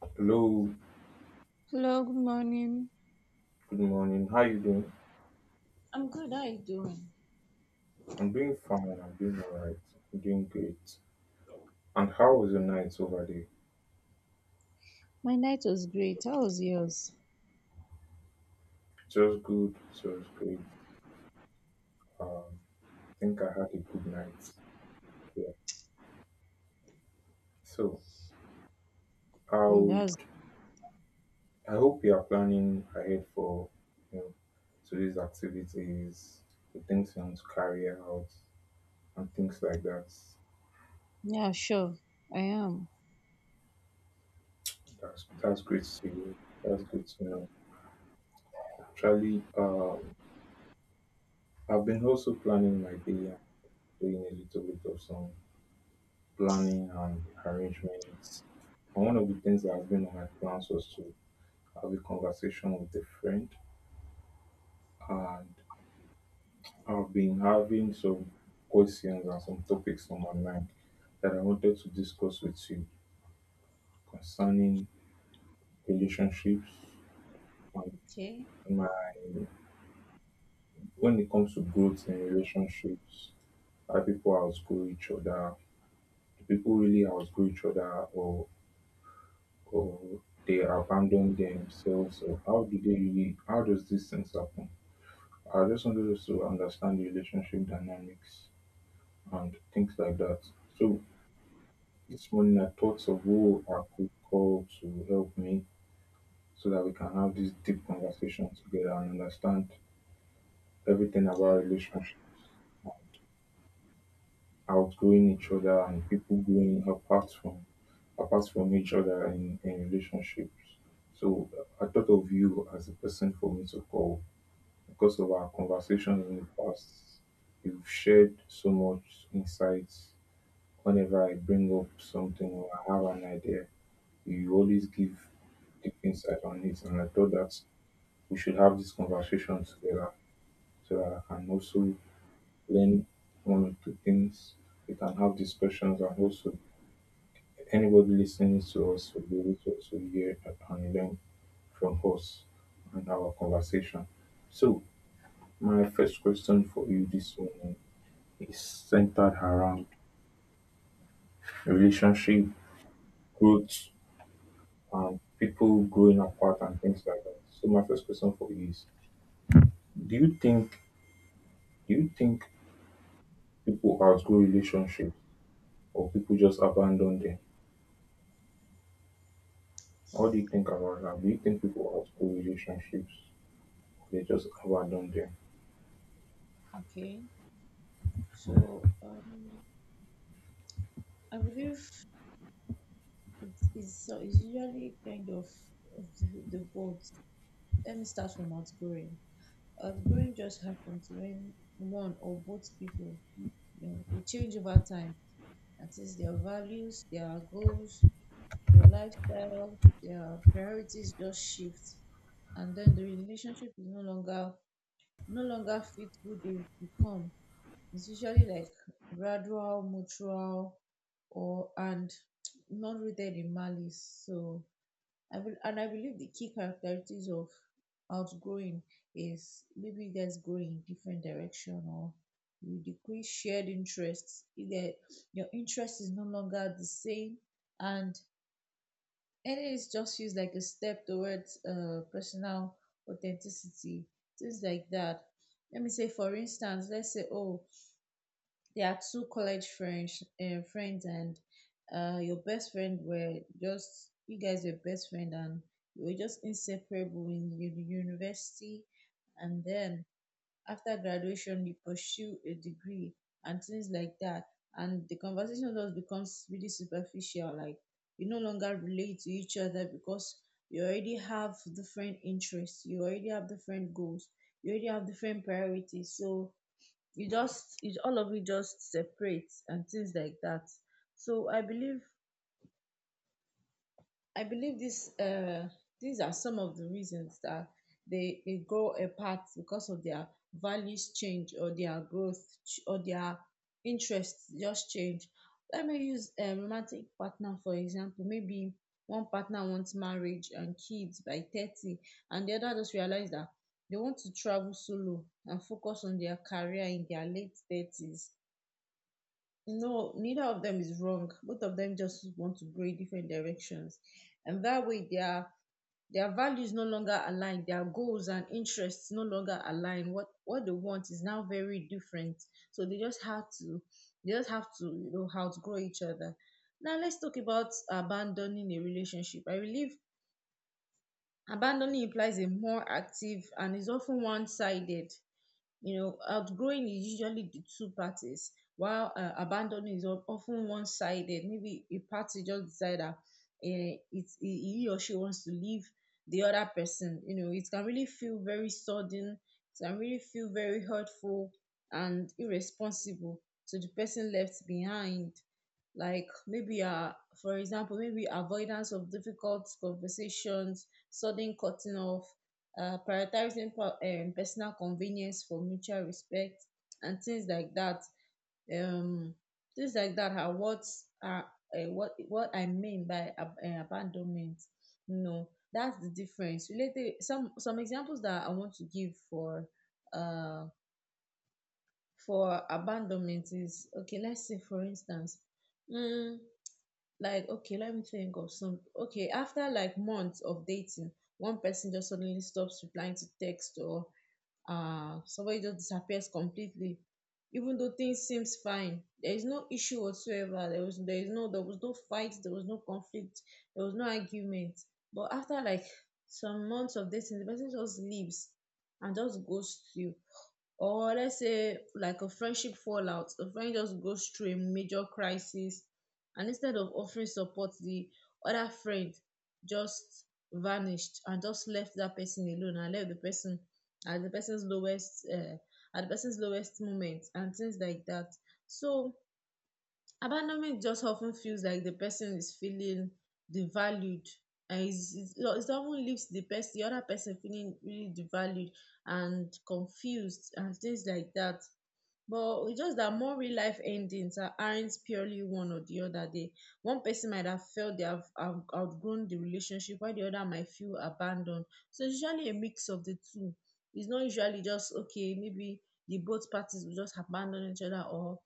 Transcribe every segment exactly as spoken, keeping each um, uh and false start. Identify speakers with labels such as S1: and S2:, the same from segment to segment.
S1: Hello,
S2: Hello, good morning.
S1: good morning. How you doing?
S2: I'm good. How you doing?
S1: I'm doing fine. I'm doing alright. I'm doing great. And how was your night over there?
S2: My night was great. How was yours?
S1: It was good. It was great. Um, I think I had a good night. Yeah. So I
S2: Mm,
S1: would,
S2: that's,
S1: I hope you are planning ahead for you know today's activities, the things you want to carry out, and things like that.
S2: yeah, sure. I am.
S1: That's that's great to hear. That's good to know. Actually, um, I've been also planning my day, doing a little bit of some planning and arrangements. And one of the things that has been on my plans was to have a conversation with a friend, and I've been having some questions and some topics on my mind that I wanted to discuss with you concerning relationships. And
S2: Okay,
S1: my, when it comes to growth in relationships, how people outgrow each other, do people really outgrow each other, or or they abandon themselves, or how do they really, how does these things happen? I just wanted us to understand the relationship dynamics and things like that. So this morning I thought of who I could call to help me so that we can have this deep conversation together and understand everything
S2: okay,
S1: about relationships, outgrowing each other, and people growing apart from apart from each other in, in relationships. So I thought of you as a person for me to call because of our conversations in the past. You've shared so much insights. Whenever I bring up something or I have an idea, you always give deep insight on it. And I thought that we should have this conversation together so that I can also learn one or two things. We can have discussions, and also anybody listening to us will be able to also hear and learn from us and our conversation. So my first question for you this morning is centered around relationship, growth, and people growing apart and things like that. So, my first question for you is: do you think, do you think people outgrow relationships, or people just abandon them? What do you think about that? Do you think people outgrow relationships, or they just abandon them?
S2: okay. So, um, I believe it is so it's usually kind of the, the both. Let me start from outgoing. Outgoing just happens when one or both people, you know, we change over time. That is their values, their goals, their lifestyle, their priorities just shift, and then the relationship is no longer no longer fit who they become. It's usually like gradual, mutual, or and not rooted in malice. So I will, and I believe the key characteristics of outgrowing is maybe you guys go in different direction or you decrease shared interests. Either your interest is no longer the same and and it is just feels like a step towards uh, personal authenticity, things like that. Let me say, for instance, let's say, oh, there are two college friends, uh, friends, and uh, your best friend were just you guys were best friend, and you were just inseparable in the university, and then after graduation you pursue a degree and things like that, and the conversation just becomes really superficial, like you no longer relate to each other because you already have different interests, you already have different goals, you already have different priorities. So you just it all of it just separates and things like that. so i believe I believe this uh, these are some of the reasons that they, they grow apart because of their values change or their growth ch- or their interests just change. Let me use a romantic partner for example. Maybe one partner wants marriage and kids by thirty, and the other just realized that they want to travel solo and focus on their career in their late thirties. No, neither of them is wrong. Both of them just want to go in different directions. And that way their their values no longer align, their goals and interests no longer align. What what they want is now very different. So they just have to they just have to, you know, outgrow each other. Now let's talk about abandoning a relationship. I believe abandoning implies a more active and is often one-sided. You know, outgrowing is usually the two parties, while uh, abandoning is of- often one sided. Maybe a party just decide that uh, it's, he he or she wants to leave the other person. You know, it can really feel very sudden, it can really feel very hurtful and irresponsible to the person left behind, like maybe uh for example maybe avoidance of difficult conversations, sudden cutting off, uh, prioritizing per- um, personal convenience for mutual respect and things like that. Um, things like that are what are uh, what what I mean by ab- uh, abandonment. You know, that's the difference. Related, some some examples that I want to give for uh for abandonment is okay. Let's say for instance, mm, like okay, let me think of some. Okay, after like months of dating, one person just suddenly stops replying to text, or uh, somebody just disappears completely, even though things seems fine. There is no issue whatsoever. There was there is no there was no fight, there was no conflict, there was no argument, but after like some months of dating, the person just leaves and just ghosts you. Or let's say like a friendship fallout: a friend just goes through a major crisis, and instead of offering support, the other friend just vanished and just left that person alone, and left the person at the person's lowest uh, at the person's lowest moment and things like that. So abandonment just of ten feels like the person is feeling devalued, and it's, it's, it often leaves the person the other person feeling really devalued and confused and things like that. But it's just that more real life endings are aren't purely one or the other. They one person might have felt they have have outgrown the relationship, while the other might feel abandoned. So it's usually a mix of the two. It's not usually just okay, maybe the both parties will just abandon each other, or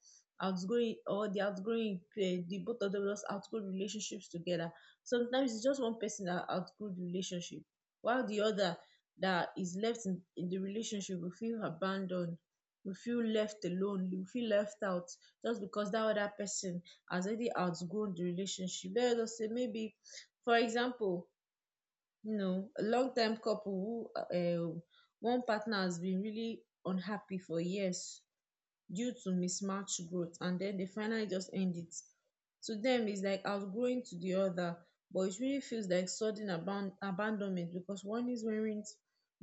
S2: outgrowing or the outgrowing eh, the both of them just outgrow relationships together. Sometimes it's just one person that outgrew the relationship, while the other that is left in, in the relationship will feel abandoned. We feel left alone, we feel left out, just because that other person has already outgrown the relationship. Let us say, maybe for example, you know, a long time couple, who uh, um one partner has been really unhappy for years due to mismatched growth, and den dey finally just end it. To dem, its like outgrowing to di oda, but it really feels like sudden aban abandonment, becos warnings weren't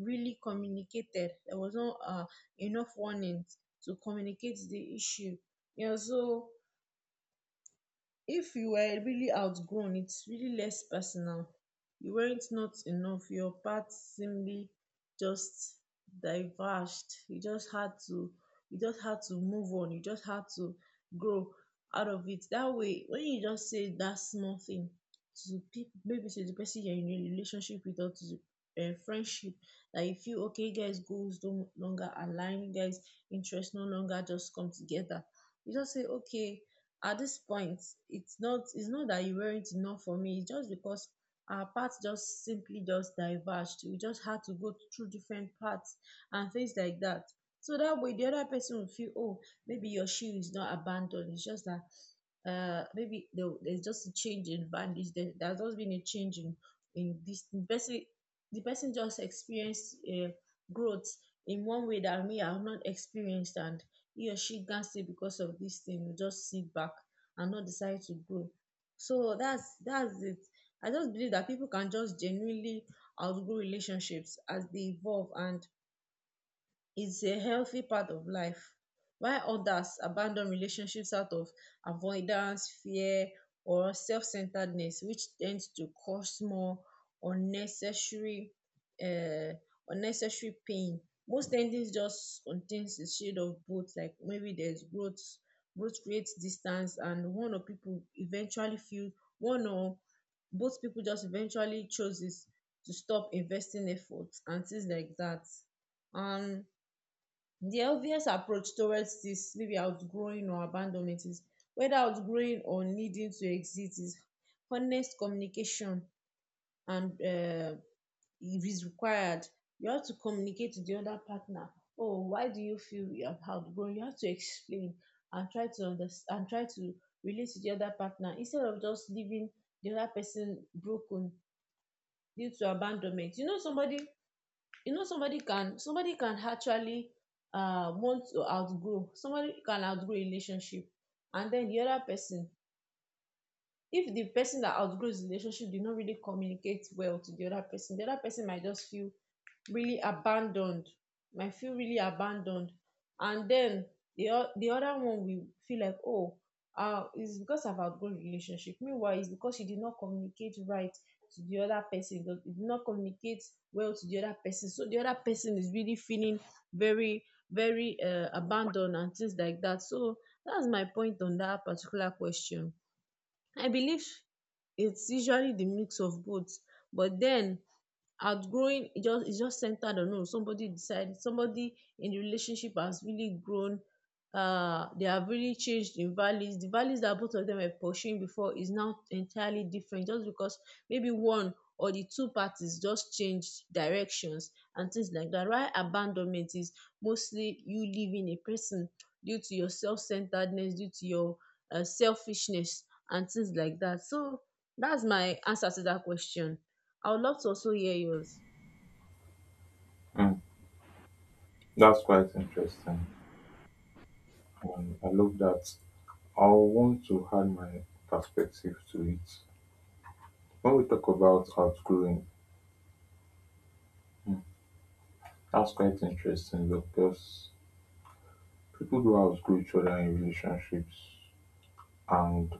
S2: really communicated. Dia was no um enough warnings to communicate di issue. E also, if you were really outgrown, its really less personal. You werent not enough, your path simply just diverged. You just had to you just had to move on, you just had to grow out of it. That way, when you just say that small thing to people, maybe to the person you're in a relationship with, or to um friendship, that you feel okay, you guys goals no longer align, you guys interest no longer just come together. You just say okay, at dis point, its not its not that you weren't enough for me, its just becos our paths just simply just diverged, we just had to go through different paths and tins like dat. So dat way di oda pesin go feel oh, maybe your she is not abanAcceptedd, its just dat uh maybe there, there's just a change in bandage. There, there's also been a change in in this the person. The person just experienced uh, growth in one way that me I've not experienced, and he or she can't say because of this thing you just sit back and not decide to grow. So that's that's it. I just believe that people can just genuinely outgrow relationships as they evolve, and is a healthy part of life, while others abandon relationships out of avoidance, fear, or self-centeredness, which tends to cause more unnecessary um unnecessary pain. Most endings just contains a shade of both, like maybe there's growth growth creates distance and one or people eventually feel one or both people just eventually chooses to stop investing efforts and things like that. um the obvious approach towards this, maybe outgrowing or abandonment, is whether outgrowing or needing to exit is honest communication and um if is required. You have to communicate to the other partner. Oh, why do you feel you have outgrown? You have to explain and try to understand and try to relate to the other partner, instead of just leaving the other person broken due to abandonment. You know somebody you know somebody can somebody can actually um want to outgrow, somebody can outgrow a relationship, and then the other person, if the person that outgrows the relationship did not really communicate well to the other person, the other person might just feel really abandoned, might feel really abandoned and then the o- the other one will feel like oh, uh it's because I've outgrown the relationship, meanwhile it's because you did not communicate right to the other person, you did not communicate well to the other person, so the other person is really feeling very very uh, abandoned and things like that. So that's my point on that particular question. I believe it's usually the mix of both, but then outgrowing it just it's just centered on oh, somebody decided, somebody in the relationship has really grown, uh they have really changed in values. The values that both of them were pursuing before is now entirely different, just because maybe one or the two parties just changed directions and things like that, while abandonment is mostly you leaving a person due to your self-centeredness, due to your uh, selfishness and things like that. So that's my answer to that question. I would love to also hear yours.
S1: That's quite interesting. Um, I love that. I want to add my perspective to it. When we talk about outgrowing, that's quite interesting because people do outgrow each other in relationships, and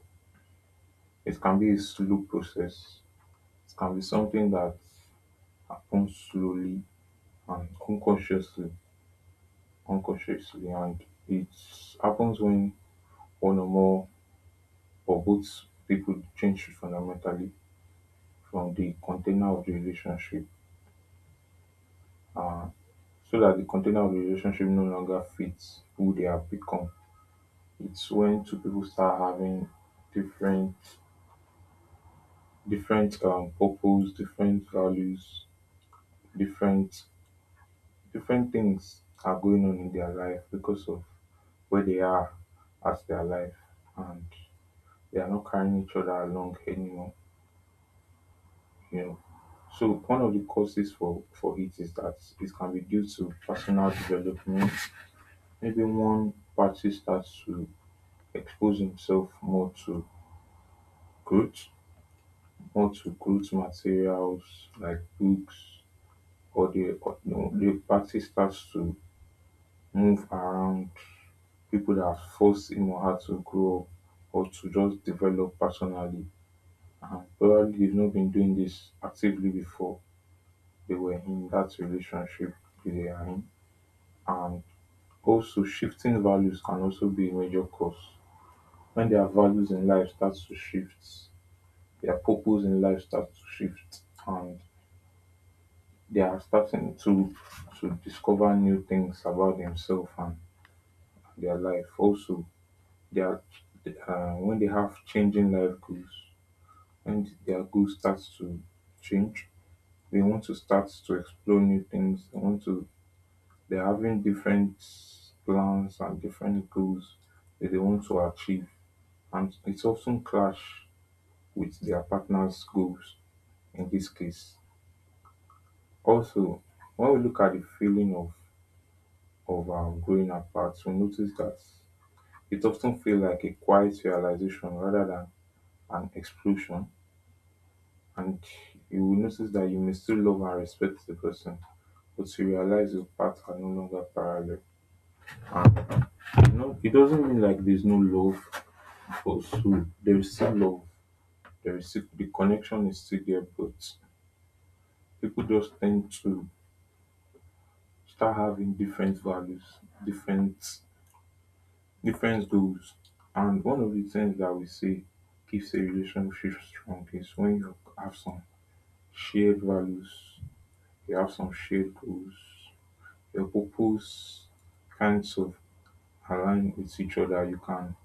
S1: it can be a slow process. It can be something that happens slowly and unconsciously, unconsciously, and it happens when one or more or both people change fundamentally from the container of the relationship, so that the container of the relationship no longer fits who they have become. It's when two people start having different different um purpose, different values, different different things are going on in their life because of where they are as their life, and they are not carrying each other along anymore, you know. So one of the causes for for it is that it can be due to personal development. Maybe one party starts to expose himself more to growth, more to growth materials like books, or the or, no, the party starts to move around people that force him or her to grow up or to just develop personally, and probably they've not been doing this actively before. They were in that relationship they are in, and also shifting values can also be a major cause. When their values in life starts to shift, their purpose in life starts to shift, and they are starting to to discover new things about themselves and their life. Also, they are uh, when they have changing life goals, when their goals starts to change, they want to start to explore new things. They want to They're having different plans and different goals that they want to achieve, and it's often clash with their partner's goals in this case. Also, when we look at the feeling of of um, growing apart, we notice that it often feels like a quiet realization rather than an explosion. And you will notice that you may still love and respect the person, but you realize your paths are no longer parallel. And you know, it doesn't mean like there's no love for soul. There is still love. There is still, the connection is still there, but people just tend to start having different values, different different goals. And one of the things that we say keeps a relationship strong is when you have some shared values, you have some shared goals, your purpose kinds of align with each other. You can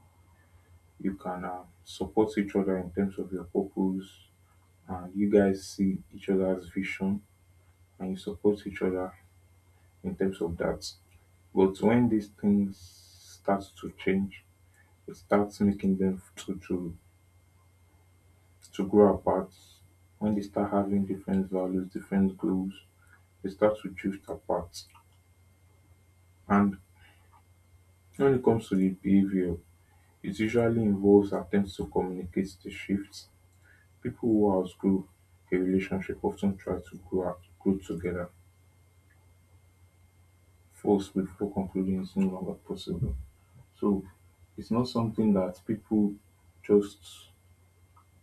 S1: You can um, support each other in terms of your purpose, and you guys see each other's vision and you support each other in terms of that. But when these things start to change, it starts making them to to to grow apart. When they start having different values, different goals, they start to drift apart. And when it comes to the behavior, it usually involves attempts to communicate the shifts. People who outgrow a relationship often try to grow, up- grow together first before concluding it's no longer possible. So it's not something that people just,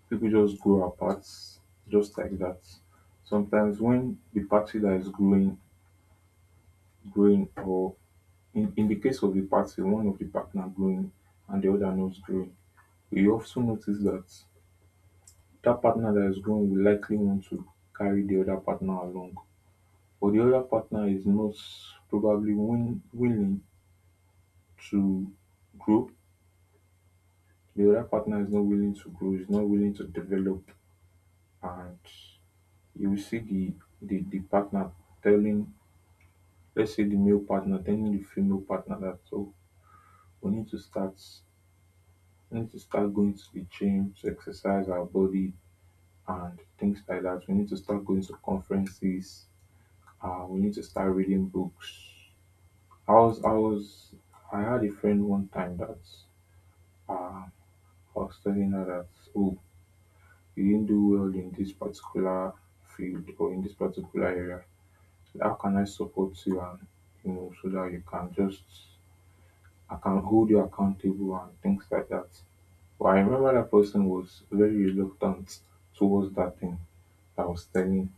S1: people just grow apart just like that. Sometimes when the party that is growing, growing or In, in the case of a party, one of the partner growing and the other not growing, we also notice that that partner that is growing will likely want to carry the other partner along, but the other partner is not probably win, willing to grow. The other partner is not willing to grow, is not willing to develop, and you will see the the, the partner telling, let's say the male partner telling the female partner that, oh, we need to start we need to start going to the gym to exercise our body and things like that. We need to start going to conferences. Uh, we need to start reading books. I was, I was, I had a friend one time that uh, I was telling her that, oh, you didn't do well in this particular field or in this particular area. How can I support you, and, you know, so that you can just, I can hold you accountable and things like that. But I remember that person was very reluctant towards that thing that I was telling,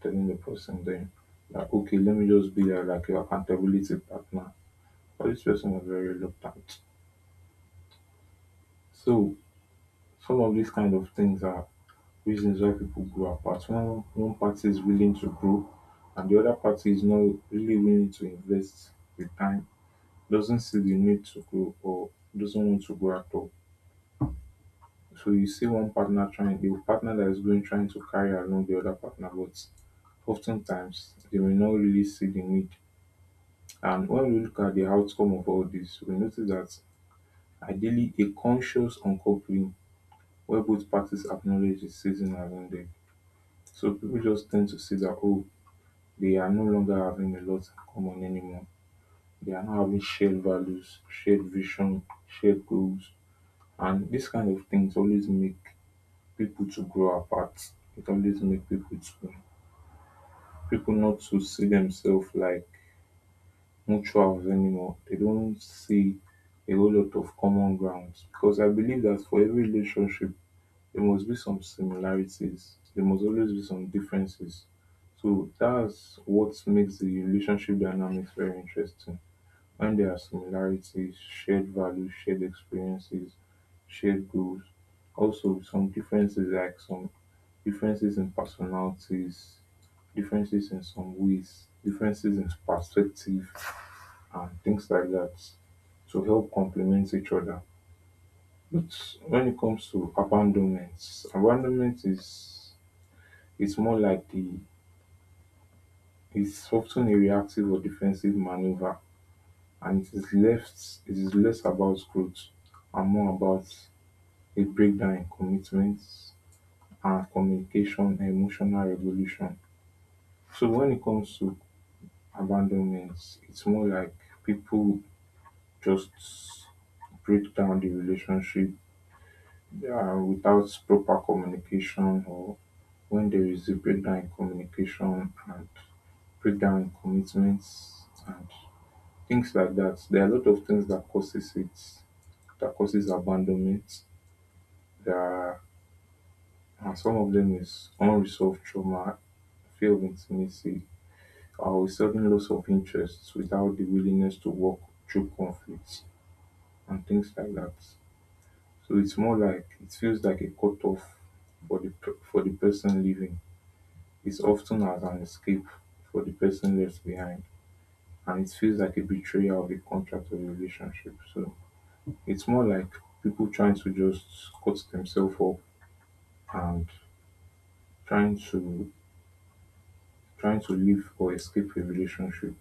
S1: telling the person, then that okay, let me just be there like your accountability partner. But this person was very reluctant. So some of these kind of things are reasons why people grow apart. When one party is willing to grow and the other party is not really willing to invest the time, doesn't see the need to grow, or doesn't want to grow at all. So you see one partner trying, the partner that is going trying to carry along the other partner, but oftentimes they may not really see the need. And when we look at the outcome of all this, we notice that ideally a conscious uncoupling where both parties acknowledge the season around them. So people just tend to see that, oh, they are no longer having a lot in common anymore. They are not having shared values, shared vision, shared goals. And this kind of things always make people to grow apart. It always make people to, people not to see themselves like mutuals anymore. They don't see a whole lot of common grounds, because I believe that for every relationship there must be some similarities. There must always be some differences. So that's what makes the relationship dynamics very interesting. When there are similarities, shared values, shared experiences, shared goals, also some differences like some differences in personalities, differences in some ways, differences in perspective and things like that to help complement each other. But when it comes to abandonment, abandonment is, it's more like the it's often a reactive or defensive maneuver, and it is left, it is less about growth and more about a breakdown in commitments and communication and emotional regulation. So when it comes to abandonment, it's more like people just break down the relationship, uh, without proper communication, or when there is a breakdown in communication and breakdown in commitments and things like that. There are a lot of things that causes it, that causes abandonment. There are, and some of them is unresolved trauma, fear of intimacy, or a sudden loss of interest without the willingness to work through conflicts and things like that. So it's more like it feels like a cutoff for the per- for the person leaving. It's often as an escape for the person left behind, and it feels like a betrayal of a contract or relationship. So it's more like people trying to just cut themselves up and trying to trying to live or escape a relationship.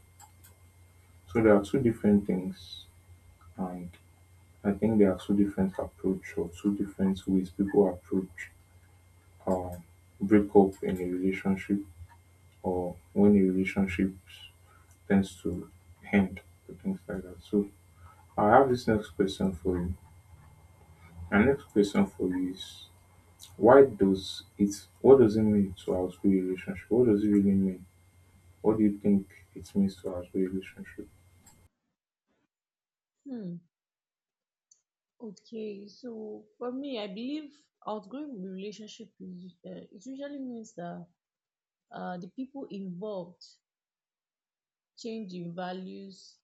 S1: So there are two different things, and I think there are two different approach or two different ways people approach um break up in a relationship, or when a relationship tends to end or things like that. So I have this next question for you. My next question for you is, Why does it what does it mean to outgrow a relationship? What does it really mean? What do you think it means to outgrow a relationship?
S2: Hmm. Okay. So for me, I believe outgrowing the relationship is uh, it usually means that uh, the people involved change in values,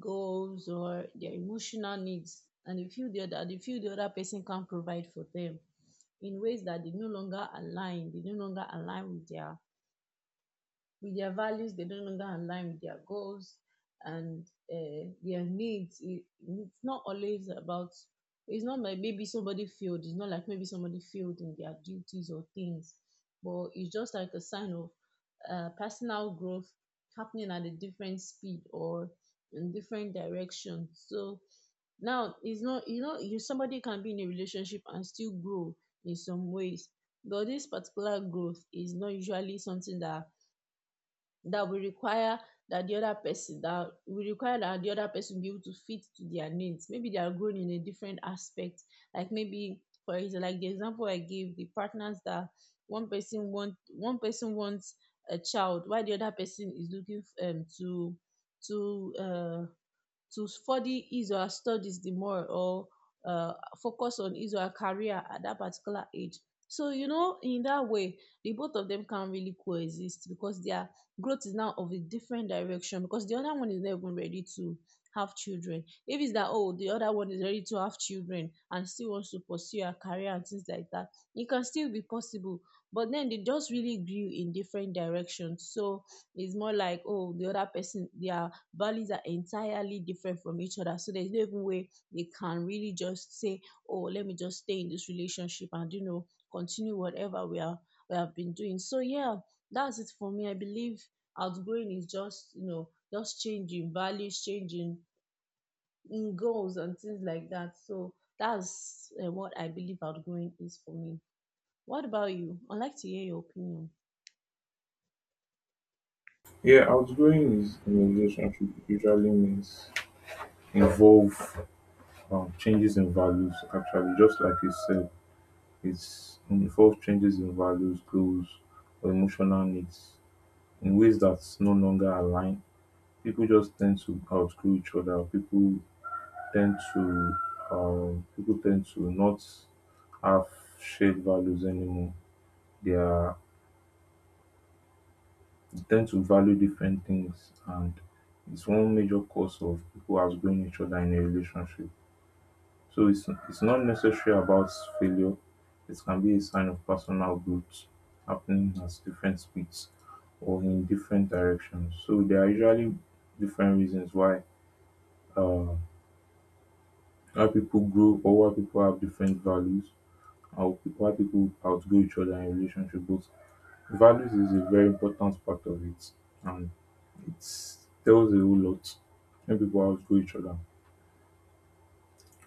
S2: goals, or their emotional needs, and they feel the other, they feel the other person can provide for them in ways that they no longer align. They no longer align with their with their values, they no longer align with their goals and uh, their needs. It, it's not always about it's not like maybe somebody failed it's not like maybe somebody failed in their duties or things, but it's just like a sign of uh, personal growth happening at a different speed or in different direction. So now it's not, you know you, somebody can be in a relationship and still grow in some ways, but this particular growth is not usually something that that will require that the other person that will require that the other person be able to fit to their needs. Maybe they are grown in a different aspect. Like, maybe for example, like the example I gave, the partners that one person want one person wants a child while the other person is looking f- um to to uh to study israel studies the more, or uh focus on israel career at that particular age. So you know, in that way the both of them can really coexist because their growth is now of a different direction, because the other one is not even ready to have children. If its that, oh, the other one is ready to have children and still wants to pursue a career and things like that, it can still be possible, but then they just really grew in different directions. So its more like, oh, di oda pesin dia values are entirely different from each other. So there's no even way they can really just say, "Oh, let me just stay in this relationship and you know, continue whatever we are we have been doing." So yeah, that's it for me. I believe outgrowing is just, you know, just changing values, changing, mm, goals and things like that. So that's uh, what I believe outgrowing is for me. What about you? I'd like to hear your opinion.
S1: Yeah, outgrowing is in a relationship usually means involve um, changes in values, actually, just like you said, it's involve changes in values, goals or emotional needs in ways that no longer align. People just tend to outgrow each other. People tend to um, people tend to not have shared values anymore. They are they tend to value different things, and it's one major cause of people outgrowing each other in a relationship. So it's it's not necessary about failure. It can be a sign of personal growth happening at different speeds or in different directions. So there are usually different reasons why uh, why people grow, or why people have different values, how pe- why people outgrow each other in relationship. But values is a very important part of it, and it tells a whole lot when people outgrow each other.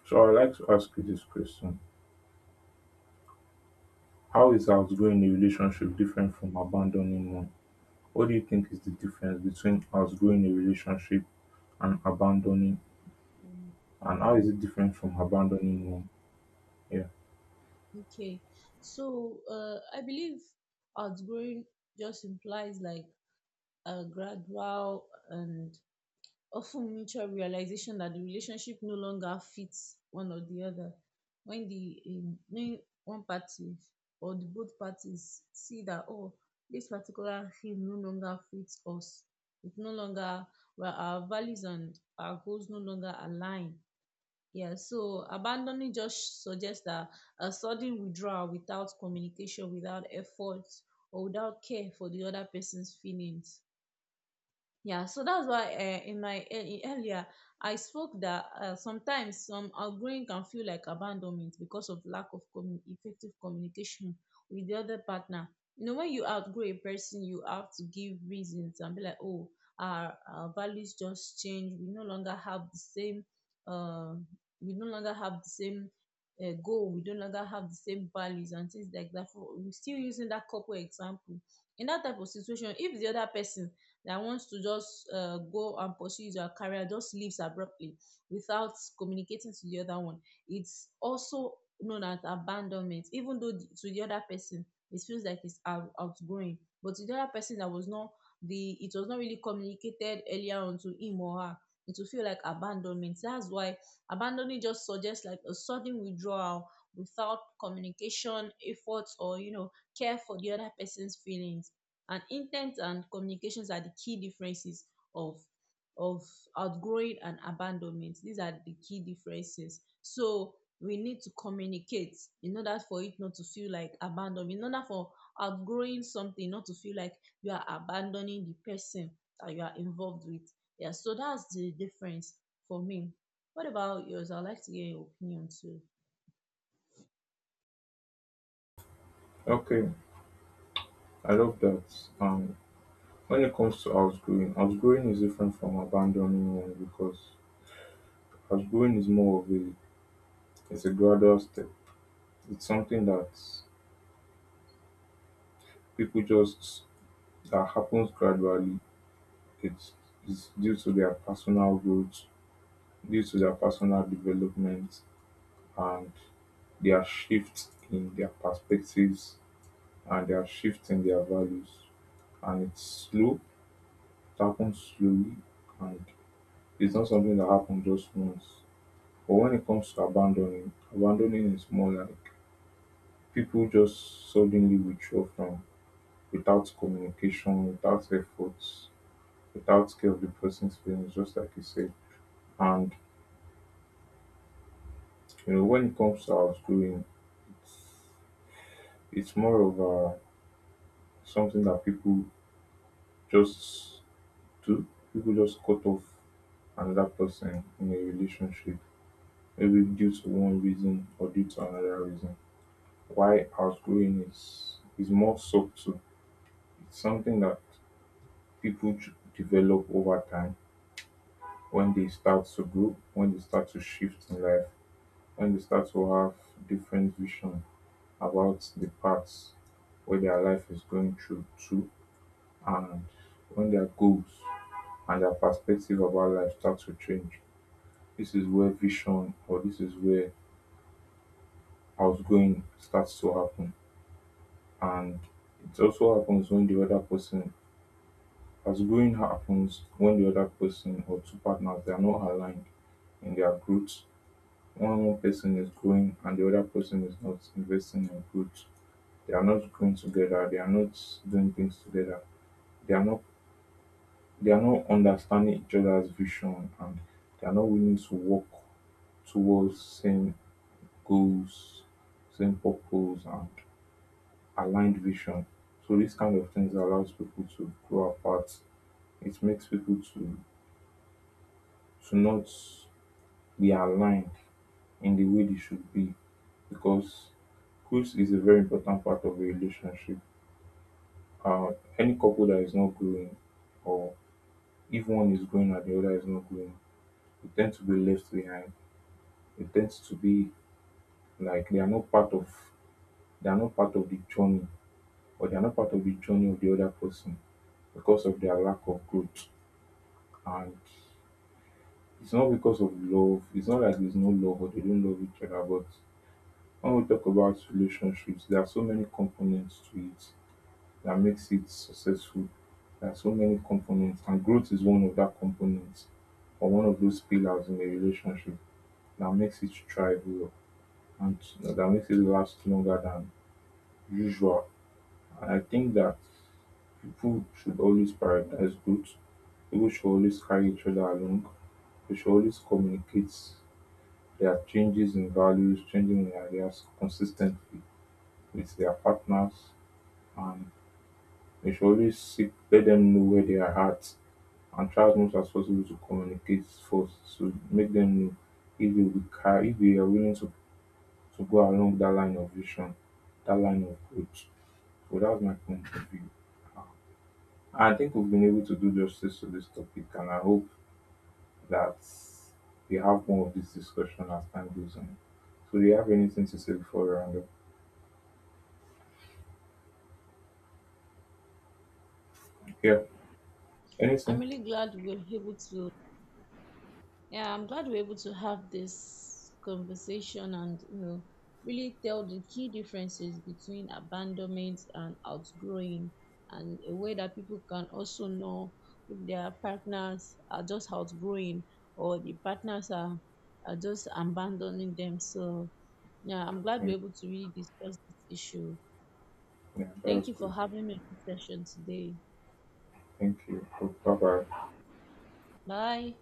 S1: So I would like to ask you this question: how is outgrowing a relationship different from abandoning one? What do you think is the difference between outgrowing a relationship and abandoning, and how is it different from abandoning one? Yeah.
S2: Okay. So uh, I believe outgrowing just implies like a gradual and often mutual realization that the relationship no longer fits one or the other. When the um, when one party or the both parties see that, oh, this particular thing no longer fits us, it no longer, well, our values and our goals no longer align. Yeah, so abandoning just suggests that a sudden withdrawal without communication, without effort, or without care for the other person's feelings. Yeah, so that's why uh, in my ear- earlier I spoke that uh, sometimes some outgoing can feel like abandonment because of lack of commu- effective communication with the other partner. You know, when you outgrow a person, you have to give reasons and be like, "Oh, our, our values just changed. We no longer have the same. Uh, we no longer have the same uh, goal. We no longer have the same values and things like that." For, we're still using that couple example. In that type of situation, if the other person that wants to just uh, go and pursue his or her career just leaves abruptly without communicating to the other one, it's also known as abandonment. Even though the- to the other person it feels like it's out, outgoing, but to the other person that was not the it was not really communicated earlier on to him or her, it will feel like abandonment. That's why abandoning just suggests like a sudden withdrawal without communication, efforts, or you know, care for the other person's feelings. And intent and communications are the key differences of of outgrowing and abandonment. These are the key differences. So we need to communicate in order for it not to feel like abandonment. In order for outgrowing something not to feel like you are abandoning the person that you are involved with. Yeah, so that's the difference for me. What about yours? I'd like to hear your opinion too.
S1: Okay, I love that. Um, when it comes to outgrowing, outgrowing is different from abandoning one because as growing is more of a, it's a gradual step. It's something that people just that happens gradually. It's it's due to their personal growth, due to their personal development, and their shift in their perspectives and their shift in their values. And it's slow, it happens slowly, and it's not something that happens just once. But when it comes to abandoning, abandoning is more like people just suddenly withdraw from, without communication, without efforts, without care of the person's feelings, just like you said. And you know, when it comes to outgrowing, it's, it's more of a, something that people just do. People just cut off another person in a relationship, maybe due to one reason or due to another reason. Why outgrowing is is more subtle. It's something that people ch- develop over time, when they start to grow, when they start to shift in life, when they start to have different vision about the paths where their life is going through to, and when their goals and their perspective about life start to change. This is where vision, or this is where outgoing starts to happen. And it also happens when the other person, outgoing happens when the other person or two partners, they are not aligned in their growth. One one person is growing and the other person is not investing in growth. They are not going together. They are not doing things together. They are not they are not understanding each other's vision, and they are not willing to work towards same goals, same purpose and aligned vision. So these kind of things allows people to grow apart. It makes people to to not be aligned in the way they should be, because growth is a very important part of a relationship. Uh, any couple that is not growing, or if one is growing and the other is not growing, they tend to be left behind. They tend to be like they are not part of, they are not part of the journey, or they are not part of the journey of the other person because of their lack of growth. And it's not because of love. It's not like there's no love or they don't love each other. But when we talk about relationships, there are so many components to it that makes it successful. There are so many components, and growth is one of that components, or one of those pillars in a relationship, that makes it thrive and that makes it last longer than usual. And I think that people should always prioritize growth. People should always carry each other along. They should always communicate their changes in values, changing in ideas consistently with their partners, and they should always seek, let them know where they are at, and try as much as possible to communicate first to make them know if they will carry if they are willing to to go along that line of vision, that line of growth. So that's my point of view. I think we've been able to do justice to this topic, and I hope that we have more of this discussion as time goes on. So, do you have anything to say before we round up? Yeah,
S2: I'm
S1: anything?
S2: really glad we were able to Yeah, I'm glad we're able to have this conversation and you know really tell the key differences between abandonment and outgrowing, and a way that people can also know if their partners are just outgrowing or the partners are, are just abandoning them. So yeah, I'm glad
S1: Yeah,
S2: we're able to really discuss this issue.
S1: yeah that was
S2: Thank you
S1: good.
S2: for having me on this session today.
S1: Thank you. Bye bye.
S2: Bye.